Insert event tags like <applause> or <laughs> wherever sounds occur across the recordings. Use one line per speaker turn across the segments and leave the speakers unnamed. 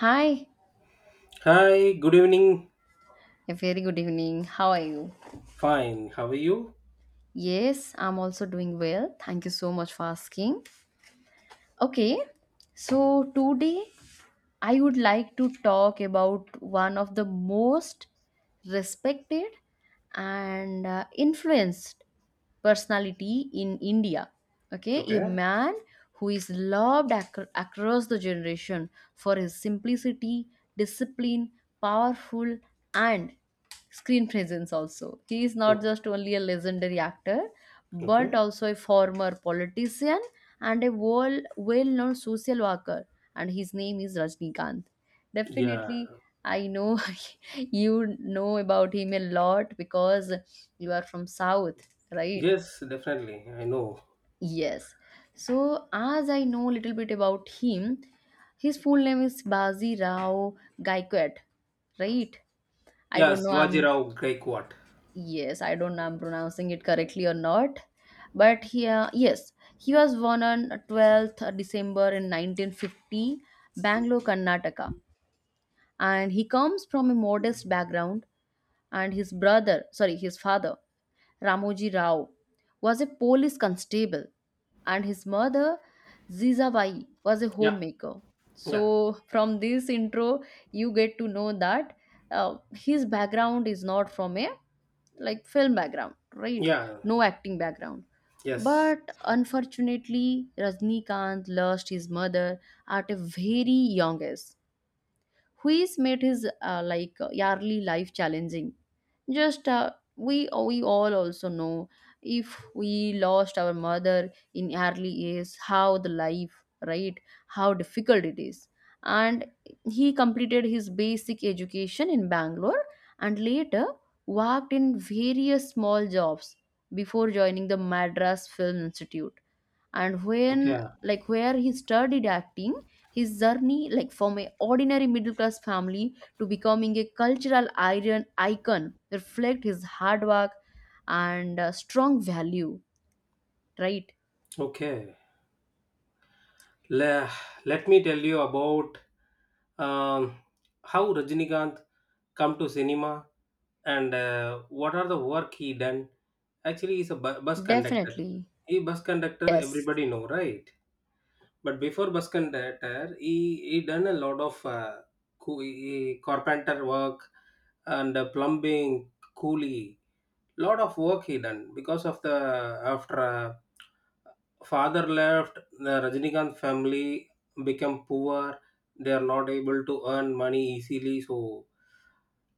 Hi,
Hi, good evening.
a very good evening. How are you?
Fine. How are you?
Yes, I'm also doing well. Thank you so much for asking. Okay, so today I would like to talk about one of the most respected and influenced personality in India. Okay, a
Okay.
man who is loved across the generation for his simplicity, discipline, powerful, and screen presence also. He is not
So,
just only a legendary actor, but
okay.
also a former politician and a well known social worker. And his name is Rajnikant.
Yeah.
Definitely, I know <laughs> you know about him a lot because you are from South, right?
Yes, definitely. I know.
Yes. So, as I know little bit about him, his full name is Bazi Rao Gaikwad, right? I
Yeah,
don't know.
Shivaji
I'm
Rao Gaikwad.
Yes, I don't know. I'm pronouncing it correctly or not, but he, yes, he was born on 12th December in 1950, Bangalore, Karnataka, and he comes from a modest background. And his brother, sorry, his father Ramoji Rao, was a police constable, and his mother, Zizabai, was a
Yeah.
homemaker.
Yeah.
So, from this intro, you get to know that his background is not from a like film background, right?
Yeah.
No acting background.
Yes.
But unfortunately, Rajnikant lost his mother at a very young age. Hui's made his yearly life challenging. Just we We all also know if we lost our mother in early years, how the life right, how difficult it is. And he completed his basic education in Bangalore and later worked in various small jobs before joining the Madras Film Institute and when
Okay.
like where he studied acting his journey, like from a ordinary middle class family to becoming a cultural iron icon, reflect his hard work and strong value, right?
Okay. Le- Let me tell you about um, how Rajinikanth come to cinema and what are the work he done. Actually, he's a bus conductor.
Definitely.
He bus conductor,
Yes.
everybody know, right? But before Basconditer, he done a lot of carpenter work and plumbing, coolie, lot of work he done because of the after father left, the Rajinikanth family became poor. They are not able to earn money easily, so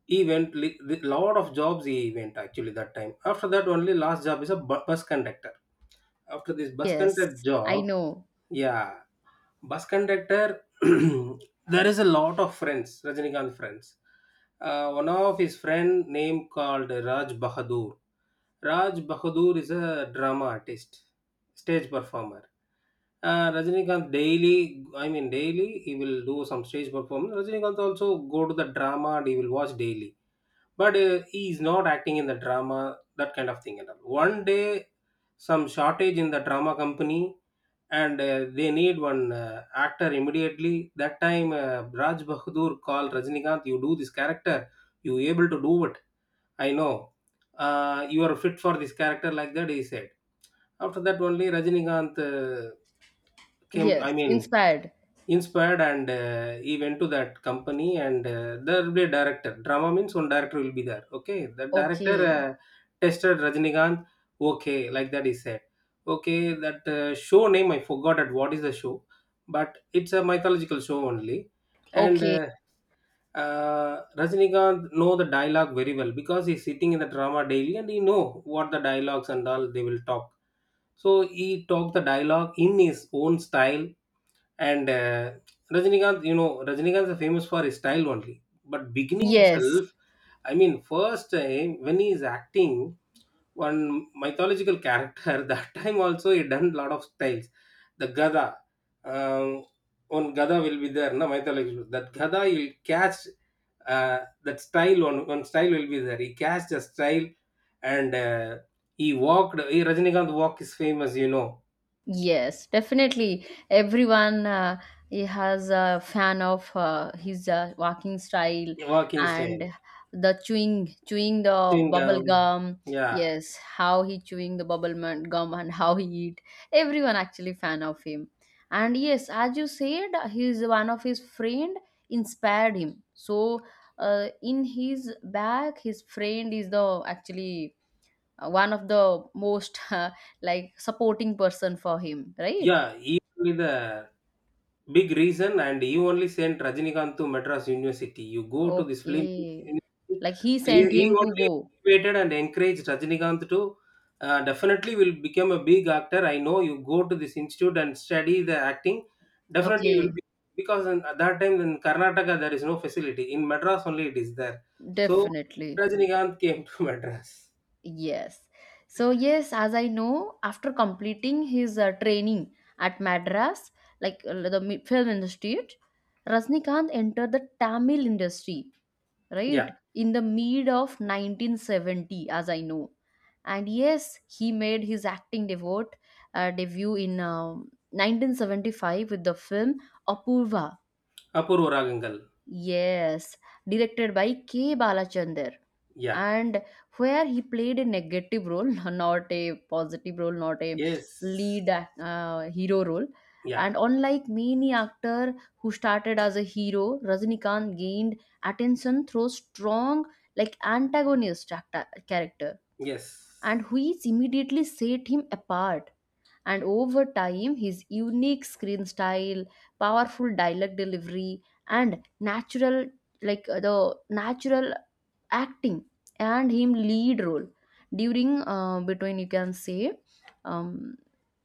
he went lot of jobs he went actually that time after that only last job is a bus conductor after this bus conductor
Yes. I
job
know.
yeah bus conductor <clears throat> there is a lot of friends rajinikanth friends. One of his friend name called raj bahadur, raj bahadur is a drama artist, stage performer. Rajinikanth daily, daily he will do some stage performance, rajinikanth also go to the drama and he will watch daily, but he is not acting in the drama, that kind of thing at all. One day some shortage in the drama company, and they need one actor immediately. That time, Raj Bahadur called Rajinikanth, "You do this character. You able to do it. I know. You are fit for this character." Like that, he said. After that, only Rajinikanth came. To,
Yes.
I mean,
Inspired.
inspired and he went to that company, and there will be a director. Drama means one director will be there. Okay, the director
Okay.
tested rajinikanth, okay, like that he said. Okay, that show name I forgot at, what is the show, but it's a mythological show only. and
Okay.
uh, uh, rajinikanth know the dialogue very well because he's sitting in the drama daily and he know what the dialogues and all they will talk. So he talked the dialogue in his own style, and Rajinikanth, you know, Rajinikanth is famous for his style only. But beginning
Yes.
itself, I mean, first time when he is acting one mythological character, <laughs> that time also he done lot of styles. The Gada, um, one Gada will be there, no mythological. That Gada he will catch that style. One style will be there. He catch the style, and he walked. He Rajinikanth walk is famous, you know,
Yes, definitely. Everyone he has a fan of his walking style
walking
and
style,
the chewing, chewing the
chewing
bubble
gum,
gum.
yeah.
Yes, how he chewing the bubble gum and <laughs> how he eat. Everyone actually fan of him. And yes, as you said, he's one of his friend inspired him. So in his back, his friend is the actually one of the most <laughs> like supporting person for him, right?
Yeah, he only the big reason, and he only sent Rajinikanth to Madras University. You go to this film,
Okay,
university,
like he
he,
sent
he
him to
only
go.
motivated and encouraged Rajinikanth to definitely will become a big actor. I know you go to this institute and study the acting, definitely you will
Okay,
be, because in, at that time in Karnataka there is no facility. In Madras only it is there. So
definitely.
Rajinikanth came to <laughs> Madras.
Yes. So, yes, as I know, after completing his training at Madras, like film industry, Rajnikant entered the Tamil industry,
Yeah,
right, in the mid of 1970, as I know. And yes, he made his acting debut, debut in 1975 with the film Apurva.
Apurva Ragangal.
Yes, directed by K. Balachander,
Yeah,
and where he played a negative role, <laughs> not a positive role, not a
yes,
hero role.
yeah.
And unlike many actor who started as a hero, Rajnikant gained attention through strong, like antagonist character,
Yes.
and which immediately set him apart and over time his unique screen style powerful dialogue delivery and natural the natural acting and him lead role during between you can say um,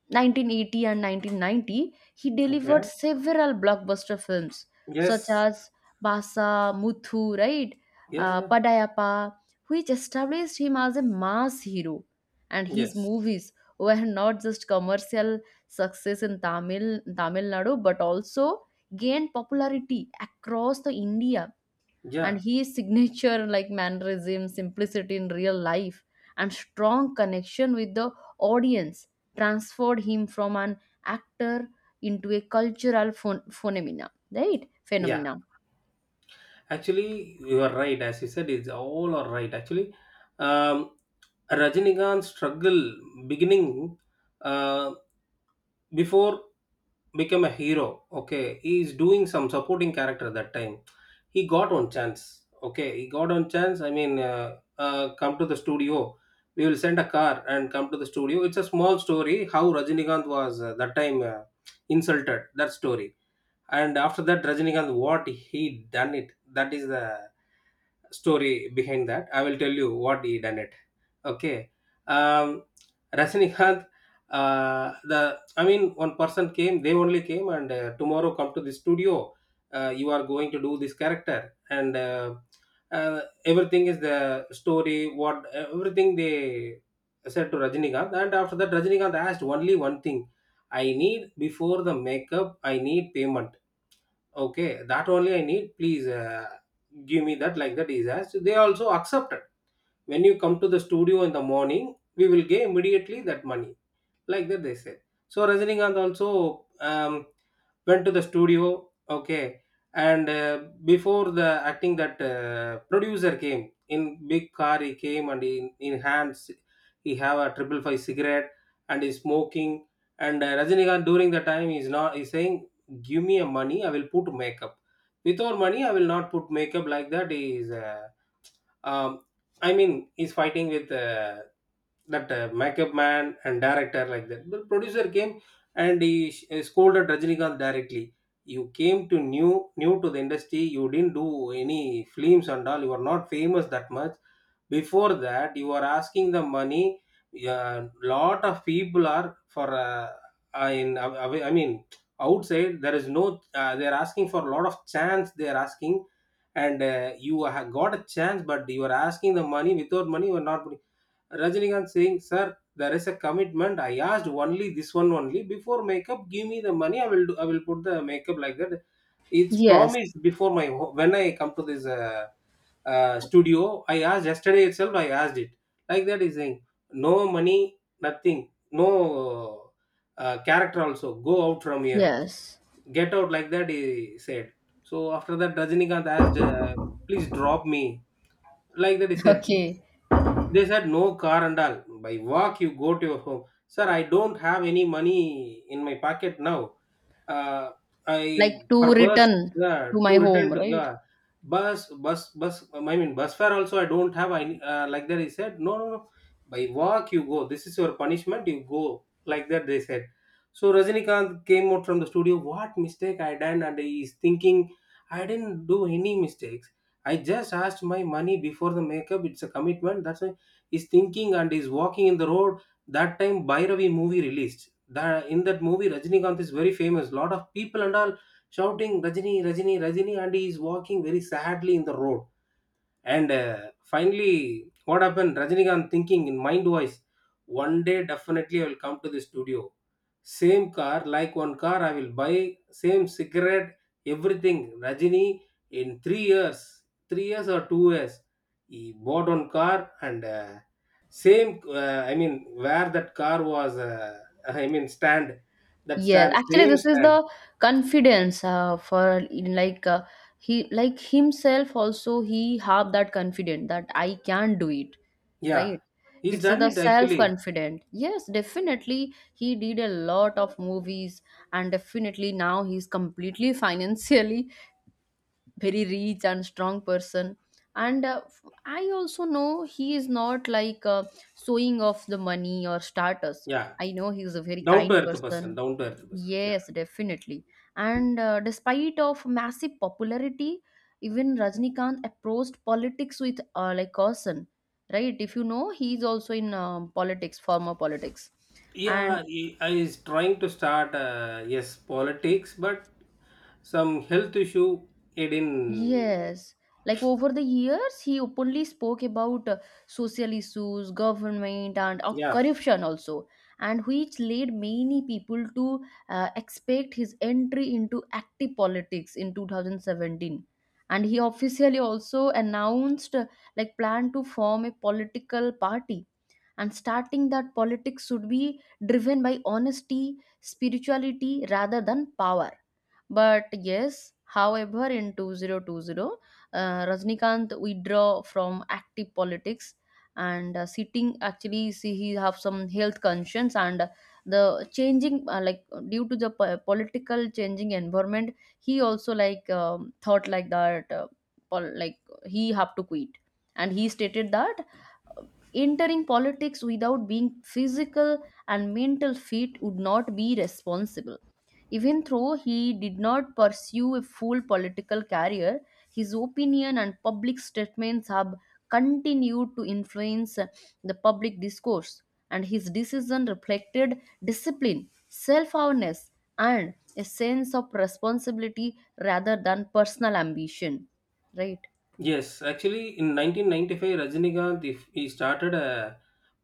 1980 and 1990, he delivered
Okay.
several blockbuster films such
Yes.
as Basa, Muthu, right,
Yeah, yeah.
Padayappa, which established him as a mass hero. And his
Yes.
movies were not just commercial success in Tamil Nadu, but also gained popularity across the India and
Yeah.
his signature like mannerism simplicity in real life and strong connection with the audience transferred him from an actor into a cultural
Yeah.
phenomena.
Actually, you are right. As you said, it's all are right. Actually, um, Rajinikanth's struggle beginning uh, before become a hero. Okay, he is doing some supporting character that time. He got on chance. Okay, he got on chance. I mean, come to the studio. We will send a car and come to the studio. It's a small story how Rajinikanth was that time insulted. That story, and after that rajinikanth what he done it, that is the story behind that. I will tell you what he done it. Okay, um rajinikanth, the I mean one person came, they only came, and tomorrow come to the studio, you are going to do this character, and uh, everything is the story, what everything they said to rajinikanth. And after that rajinikanth asked only one thing, I need before the makeup I need payment. Okay, that only I need, please, give me that, like that. Is as they also accepted, when you come to the studio in the morning we will give immediately that money, like that they said. So rajinikanth also went to the studio, okay, and before the acting that producer came in big car. He came, and in hands he have a triple five cigarette and he's smoking, and rajinikanth during the time is not, he's saying give me a money, I will put makeup, without money I will not put makeup, like that he is um, I mean, he's fighting with that makeup man and director, like that. The producer came and he scolded Rajinikanth directly. You came to new new to the industry. You didn't do any films and all. You are not famous that much. Before that, you are asking the money. A lot of people are for. In I mean, outside there is no. They are asking for a lot of chance. They are asking, and you have got a chance but you are asking the money, without money you are not putting. Rajinikanth saying sir there is a commitment, I asked only this one only, before makeup give me the money, I will do, I will put the makeup, like that. It's
Yes.
promised before my when I come to this studio I asked, yesterday itself I asked it, like that. Is saying no money, nothing, no, character also go out from here.
Yes.
Get out, like that, he said. So after that, Rajinikanth asked, please drop me. Like that, he
<laughs>
said,
Okay,
they said no car and all. By walk you go to your home. Sir, I don't have any money in my pocket now. Uh,
like
I
to
for bus,
return
yeah,
to
to
my home,
return to,
right?
yeah, bus. I mean bus fare also I don't have. I like that, he said no no no. By walk you go. This is your punishment. You go, like that they said. So Rajinikanth came out from the studio. What mistake I done? And he's thinking I didn't do any mistakes. I just asked my money before the makeup. It's a commitment. That's why is thinking and is walking in the road. That time Bhairavi movie released. That in that movie Rajinikanth is very famous. Lot of people and all shouting Rajini, Rajini, Rajini, and he is walking very sadly in the road, and finally, what happened? Rajinikanth thinking in mind voice, one day definitely I will come to the studio. Same car, like one car, I will buy, same cigarette, everything. Rajini, in 3 years, 3 years or 2 years, he bought one car, and I mean, where that car was, <laughs> I mean, stand, that
Yes,
stand,
actually,
same
this is
stand.
the confidence for in like he like himself also he have that confident that I can do it,
Yeah,
right?
he's
It's
done
the
it
self
actually.
confident. Yes, definitely he did a lot of movies and definitely now he's completely <laughs> financially very rich and strong person. And I also know he is not showing off the money or status.
Yeah,
I know he's a very
down to
kind
earth person,
person.
down to earth person. Yeah.
Yes, definitely. And despite of massive popularity, even Rajnikant approached politics with like caution, right? If you know, he's also in politics, former politics, and
Yeah, I is trying to start yes politics, but some health issue it in,
yes, like over the years, he openly spoke about social issues, government, and
yeah.
corruption also, and which led many people to expect his entry into active politics in 2017. And he officially also announced like plan to form a political party. And starting that politics should be driven by honesty, spirituality rather than power, but yes, however, in 2020, Rajnikant withdraw from active politics and sitting actually see he have some health conscience and the changing like due to the political changing environment he also like thought like that like he have to quit and he stated that entering politics without being physical and mental fit would not be responsible. Even though he did not pursue a full political career, his opinion and public statements have continued to influence the public discourse, and his decision reflected discipline, self awareness, and a sense of responsibility rather than personal ambition. Right?
Yes, actually in 1995 Rajinikanth if he started a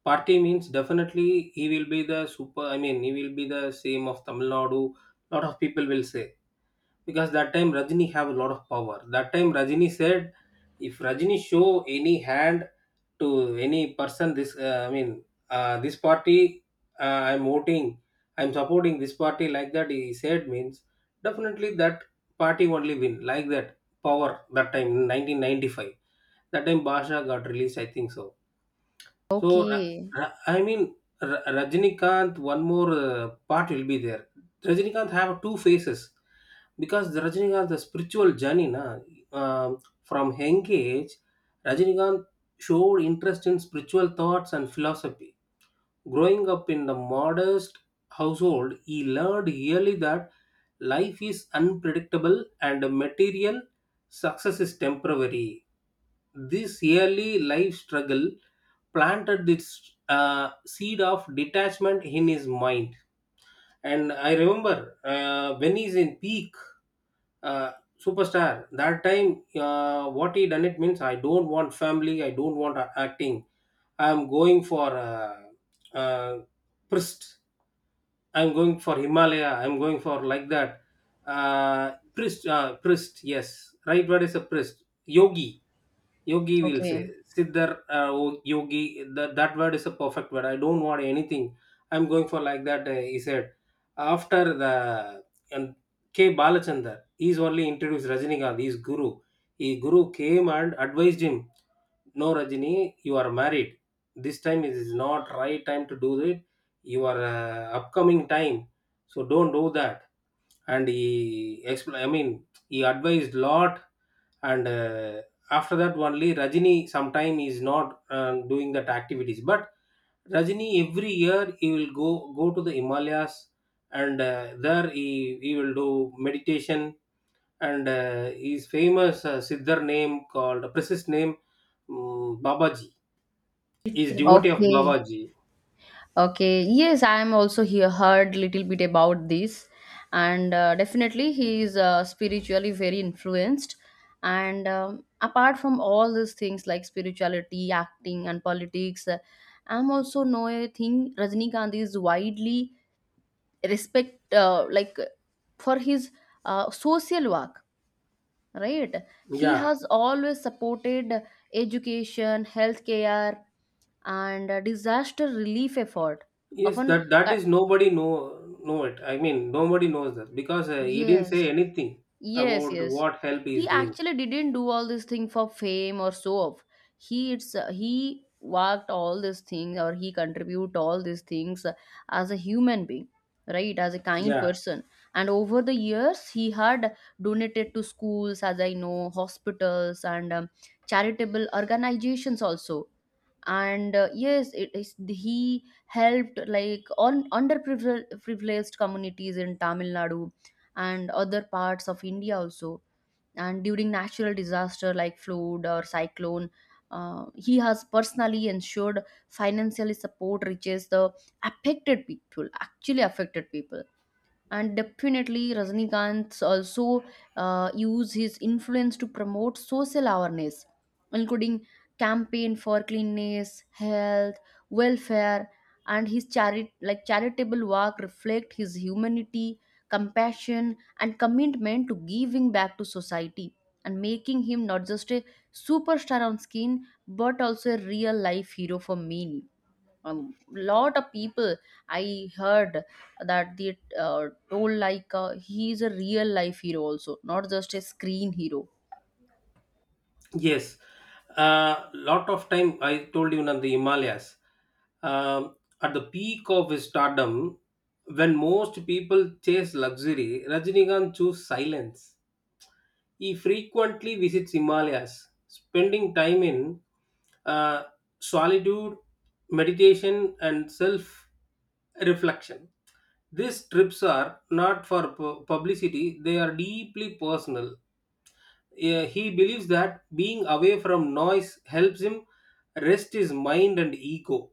party means definitely he will be the super, I mean he will be the same of Tamil Nadu. Lot of people will say because that time Rajini have a lot of power. That time Rajini said, if Rajini show any hand to any person, this I mean, this party uh, I'm voting, I'm supporting this party, like that he said means definitely that party only win, like that power that time in 1995. That time Basha got released, I think so. So,
Okay.
I mean, Rajinikanth, one more part will be there. Rajinikanth have two phases because the Rajinikanth, the spiritual journey, na, from young age, Rajinikanth showed interest in spiritual thoughts and philosophy. Growing up in the modest household, he learned early that life is unpredictable and material success is temporary. This early life struggle planted this seed of detachment in his mind. And I remember when he's in peak uh, superstar that time, what he done it means, I don't want family, I don't want acting, I'm going for uh, priest, I'm going for Himalaya, I'm going for like that. Priest, priest, yes, right, what is a priest? Yogi. Yogi will say
Okay.
siddhar, yogi. That word is a perfect word. I don't want anything, I'm going for like that, he said. After the, and K Balachandar, he's only introduced Rajinikanth, he's guru. He guru came and advised him, no Rajini, you are married, this time it is not right time to do it, your upcoming time, so don't do that. And he I mean, he advised lot. And after that only Rajini sometime is not doing that activities, but Rajini every year he will go to the Himalayas. And there he will do meditation. And his famous siddhar name called precise name, Babaji. He is devotee of
Okay.
Babaji.
Okay, yes, I am also here heard little bit about this, and definitely he is spiritually very influenced. And apart from all these things like spirituality, acting, and politics, I'm also know a thing. Rajnikanth is widely respect for his social work, right? He
Yeah.
has always supported education, healthcare, and disaster relief effort.
Yes,
Often
that
cut,
is nobody know it. I mean, nobody knows that, because he didn't
yes.
say anything
Yes,
about
yes.
what help he
He
is doing.
actually didn't do all this thing for fame or so off. He worked all this thing or he contribute all these things as a human being, right? As a kind
Yeah.
person. And over the years, he had donated to schools, as I know, hospitals and charitable organizations also and yes it is he helped like on underprivileged privileged communities in Tamil Nadu and other parts of India also, and during natural disaster like flood or cyclone, he has personally ensured financially support reaches the affected people. And definitely Rajnikant also use his influence to promote social awareness including campaign for cleanliness, health welfare, and his charitable work reflect his humanity, compassion, and commitment to giving back to society, and making him not just a superstar on screen but also a real life hero for many. A lot of people I heard that they told like he is a real life hero also, not just a screen hero.
Yes. Lot of time I told you on the Himalayas. Um, at the peak of his stardom, when most people chase luxury, Rajinikanth chose silence. He frequently visits Himalayas, spending time in uh, solitude, meditation, and self reflection. These trips are not for publicity, they are deeply personal. He believes that being away from noise helps him rest his mind and ego.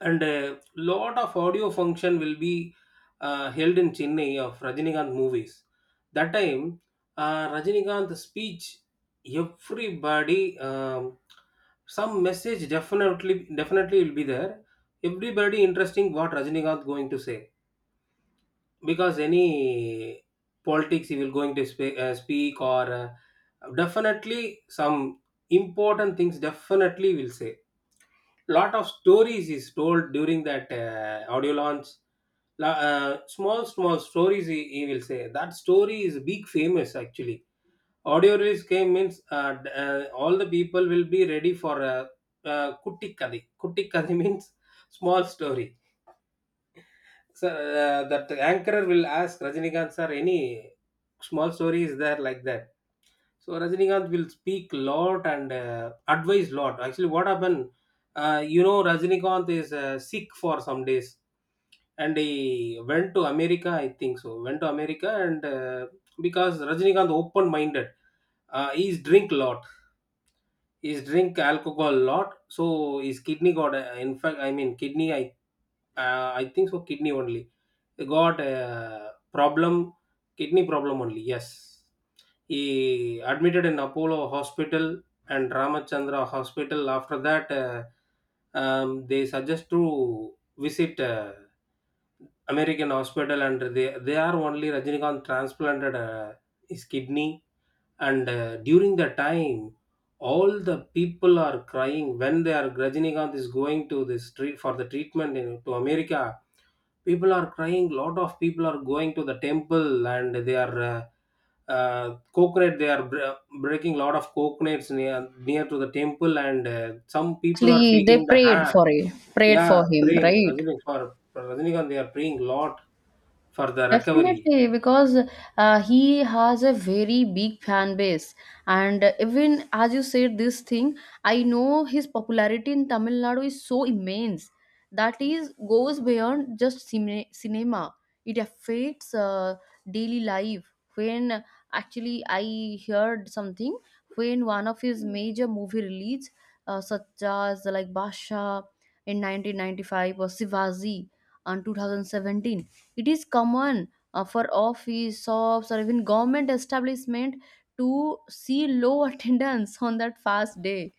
And a lot of audio function will be held in Chennai of Rajinikanth movies. That time, Rajinikanth speech, everybody, some message definitely will be there. Everybody interesting what Rajinikanth going to say, because any politics he will going to speak, or definitely some important things definitely will say. Lot of stories is told during that audio launch. Small small stories he will say, that story is big famous actually. Audio release came means all the people will be ready for kutti kadhi <laughs> means small story. Sir, that anchor will ask Rajinikanth sir any small story is there, like that. So Rajinikanth will speak lot and advise lot. Actually, what happened? Rajinikanth is sick for some days, and he went to America. I think so. Went to America and because Rajinikanth open minded, he's drink lot. Is drink alcohol a lot, so his kidney got. In fact, I mean kidney. I think so. Kidney only got a problem. Kidney problem only. Yes, he admitted in Apollo Hospital and Ramachandra Hospital. After that, they suggest to visit American Hospital, and they are only Rajinikanth transplanted his kidney. And during the time, all the people are crying when they are Rajinikanth is going to this street for the treatment in, to America. People are crying, lot of people are going to the temple, and they are coconut they are breaking lot of coconuts near to the temple. And some people are
Actually they
taking the
prayed
hand.
for it, prayed
Yeah,
for him,
praying
right?
Rajini, for Rajinikanth they are praying lot for the recovery.
Definitely, because he has a very big fan base, and even as you said this thing, I know his popularity in Tamil Nadu is so immense that is goes beyond just cinema. It affects daily life. When actually I heard something when one of his major movie release, such as like Basha in 1995 or Sivaji on 2017, it is common for office shops or even government establishment to see low <laughs> attendance on that fast day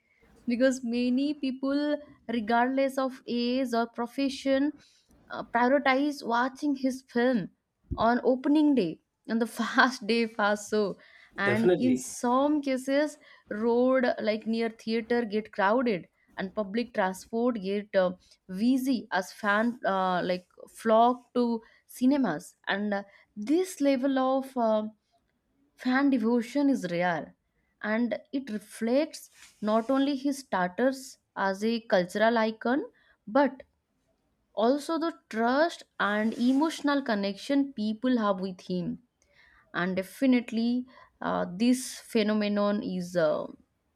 because many people regardless of age or profession prioritize watching his film on opening day, on the <laughs> fast day fast. So, and in
Definitely.
some cases road like near theater get crowded and public transport get busy as fan like flock to cinemas. And this level of fan devotion is rare and it reflects not only his status as a cultural icon but also the trust and emotional connection people have with him. And definitely this phenomenon is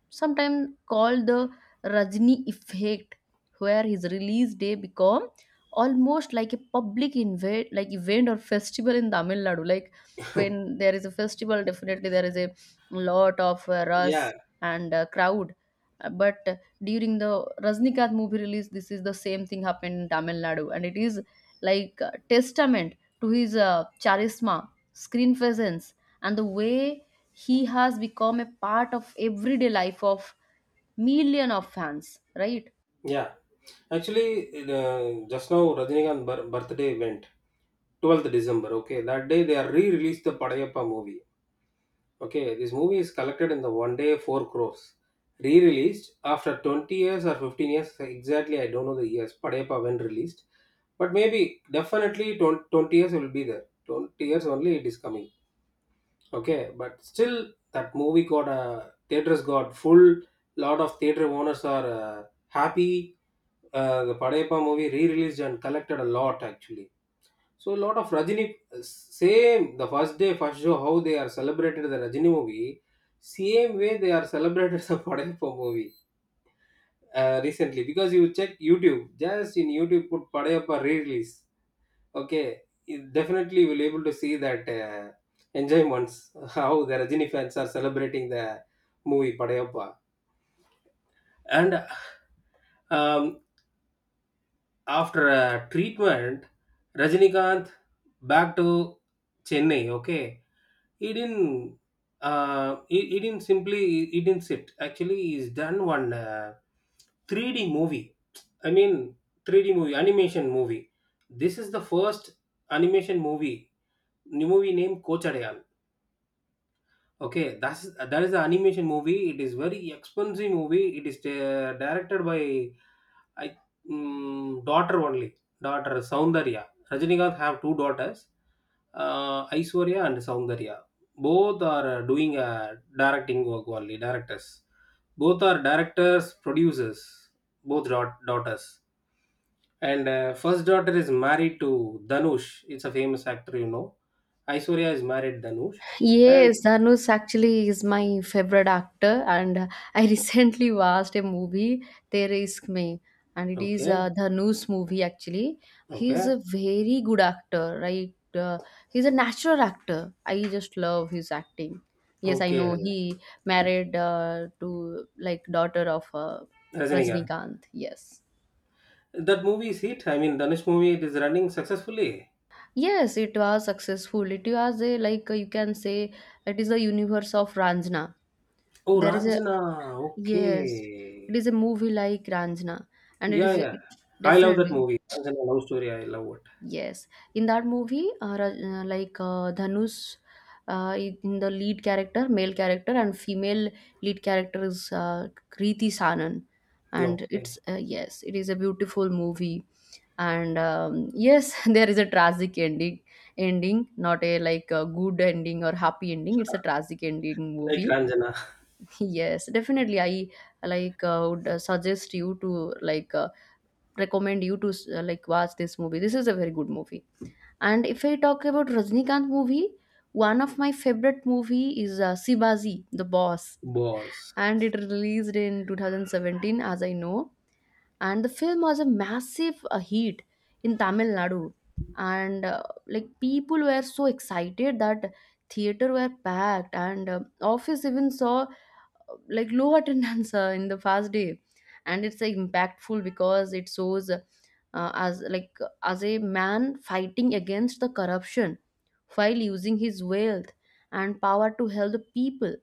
sometimes called the Rajni effect, where his release day become almost like a public invade like event or festival in Tamil Nadu. Like when there is a festival definitely there is a lot of
Yeah.
rush and crowd. But during the Rajnikant movie release this is the same thing happened in Tamil Nadu, and it is like testament to his charisma, screen presence, and the way he has become a part of everyday life of million of fans, right?
Yeah. Actually, just now Rajinikanth birthday went 12th December. Okay, that day they are re-released the Padayappa movie. Okay, this movie is collected in the one day 4 crores. Re-released after 20 years or 15 years exactly. I don't know the years. Padayappa when released, but maybe definitely 20 20 years will be there. 20 years only it is coming. Okay, but still that movie got a theaters got full. Lot of theater owners are happy, the Padayappa movie re-released and collected a lot actually. So a lot of Rajini, same the first day first show how they are celebrated the Rajini movie, same way they are celebrated the <laughs> Padayappa movie recently. Because you check YouTube, just in YouTube put Padayappa re-release. Okay, you definitely will able to see that enjoyments <laughs> how the Rajini fans are celebrating the movie Padayappa. And um, after a treatment, Rajinikanth back to Chennai. Okay, he didn't. He didn't simply. He didn't sit. Actually, he's done one 3D movie. I mean, 3D movie, animation movie. This is the first animation movie. New movie named Kochadayan. Okay, that is an animation movie. It is very expensive movie. It is directed by I daughter only. Daughter Soundarya. Rajinikanth have two daughters, Aishwarya and Soundarya. Both are doing directing work only. Directors. Both are directors, producers. Both daughters. And first daughter is married to Danush. It's a famous actor. Aishwarya is married Danush. And
Yes, Dhanush actually is my favorite actor, and I <laughs> recently watched a movie, Tere Isk Mein, and it is
okay,
a Dhanush movie actually. He's
okay,
a very good actor, right? He's a natural actor. I just love his acting. Yes, I
okay,
know he married to like daughter of
Rajinikanth.
Rajnikant. Yes.
That movie is hit. I mean, Danush movie it is running successfully.
Yes, it was successful. It was a like you can say it is a universe of Ranjana.
Oh,
There is a
Ranjana.
yes, it
Okay.
is a movie like Ranjana, and it
Yeah,
is a,
yeah. I love that
definitely
movie. Ranjana love story. I love
yes. In that movie, Dhanush, in the lead character, male character, and female lead character is Kriti Sanan,
it.
and it's
Okay.
yes, it is a beautiful movie, and yes, <laughs> there is a ending, not a like a good ending or happy ending. It's a tragic ending
Like
movie.
Ranjana. <laughs>
Yes, definitely. I like would suggest you to recommend you to watch this movie. This is a very good movie. And if I talk about Rajnikant movie, one of my favorite movie is Sibaji, The Boss,
Boss.
and it released in 2017, as I know. And the film was a massive hit in Tamil Nadu, and like people were so excited that theater were packed, and office even saw like low attendance <laughs> in the first day, and it's impactful because it shows as like as a man fighting against the corruption while using his wealth and power to help the people,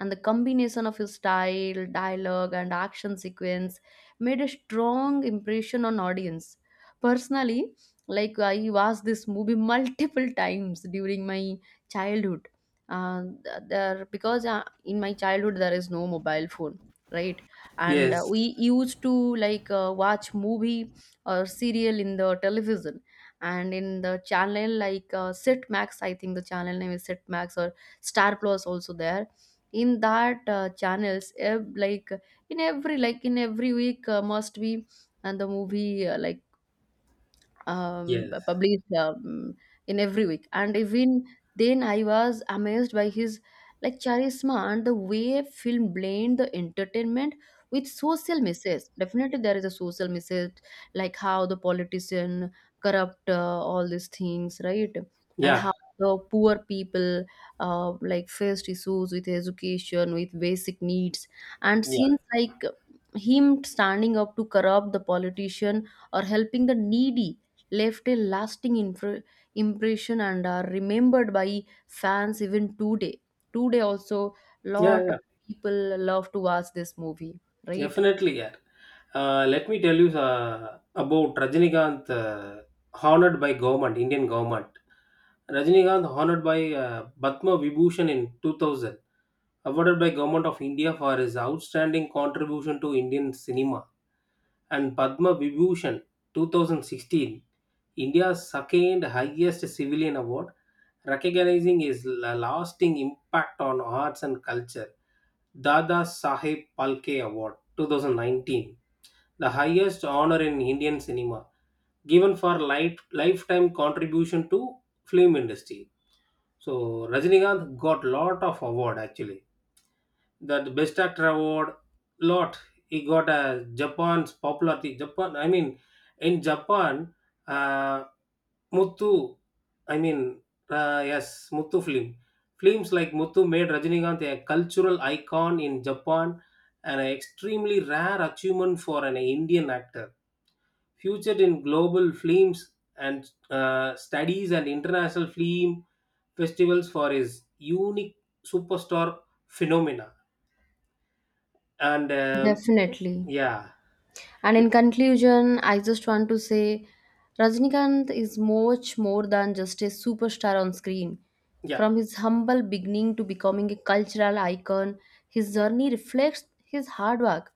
and the combination of his style, dialogue, and action sequence made a strong impression on audience. Personally, like I watched this movie <laughs> multiple times during my childhood. There because in my childhood there is no mobile phone, right? And
Yes.
we used to like watch movie or serial in the television and in the channel like Max, I think the channel name is Max or Star Plus also there, in that channels like in every week must be and the movie
Yes.
published in every week. And even then, I was amazed by his like charisma and the way film blend the entertainment with social messages. Definitely, there is a social message like how the politician corrupt all these things, right? And
Yeah.
how the poor people like faced issues with education, with basic needs, and scenes
Yeah.
like him standing up to corrupt the politician or helping the needy left a lasting impression and are remembered by fans even today. Today also, lot
Yeah.
of
Yeah.
people love to watch this movie, right?
Definitely. Yeah. Let me tell you about Rajinikanth honored by government, Indian government. Rajinikanth honored by Batma Vibhushan in 2000, awarded by government of India for his outstanding contribution to Indian cinema. And Padma Vibhushan 2016, India's second highest civilian award, recognizing his lasting impact on arts and culture. Dada Saheb Palke Award 2019, the highest honor in Indian cinema, given for lifetime contribution to film industry. So Rajinikanth got lot of award actually, that best actor award lot. He got a Japan's popularity, Japan I mean, in Japan, uh, Muthu I mean, yes, Muthu film, films like Muthu made Rajinikanth a cultural icon in Japan and an extremely rare achievement for an Indian actor, featured in global films and studies and international film festivals for his unique superstar phenomena. And
Definitely.
yeah.
And in conclusion, I just want to say Rajnikant is much more than just a superstar on screen.
Yeah.
From his humble beginning to becoming a cultural icon, his journey reflects his hard work,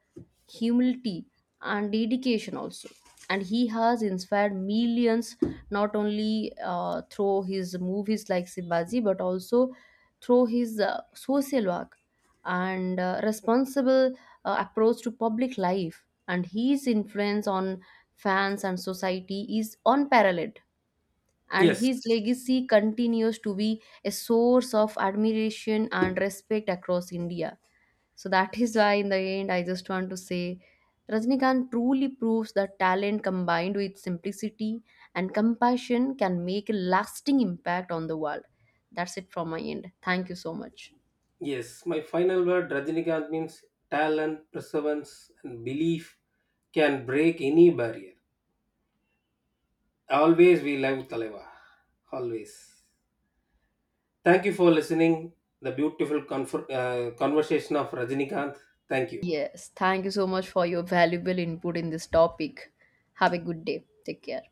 humility, and dedication also. And he has inspired millions not only through his movies like Sibaji but also through his social work and responsible approach to public life, and his influence on fans and society is unparalleled, and
Yes.
his legacy continues to be a source of admiration and respect across India. So that is why in the end I just want to say Rajnikant truly proves that talent combined with simplicity and compassion can make a lasting impact on the world. That's it from my end. Thank you so much.
Yes, my final word, Rajinikanth means talent, perseverance, and belief can break any barrier. Always we love Taleva. Always. Thank you for listening the beautiful conversation of Rajinikanth. Thank you.
Yes, thank you so much for your valuable input in this topic. Have a good day. Take care.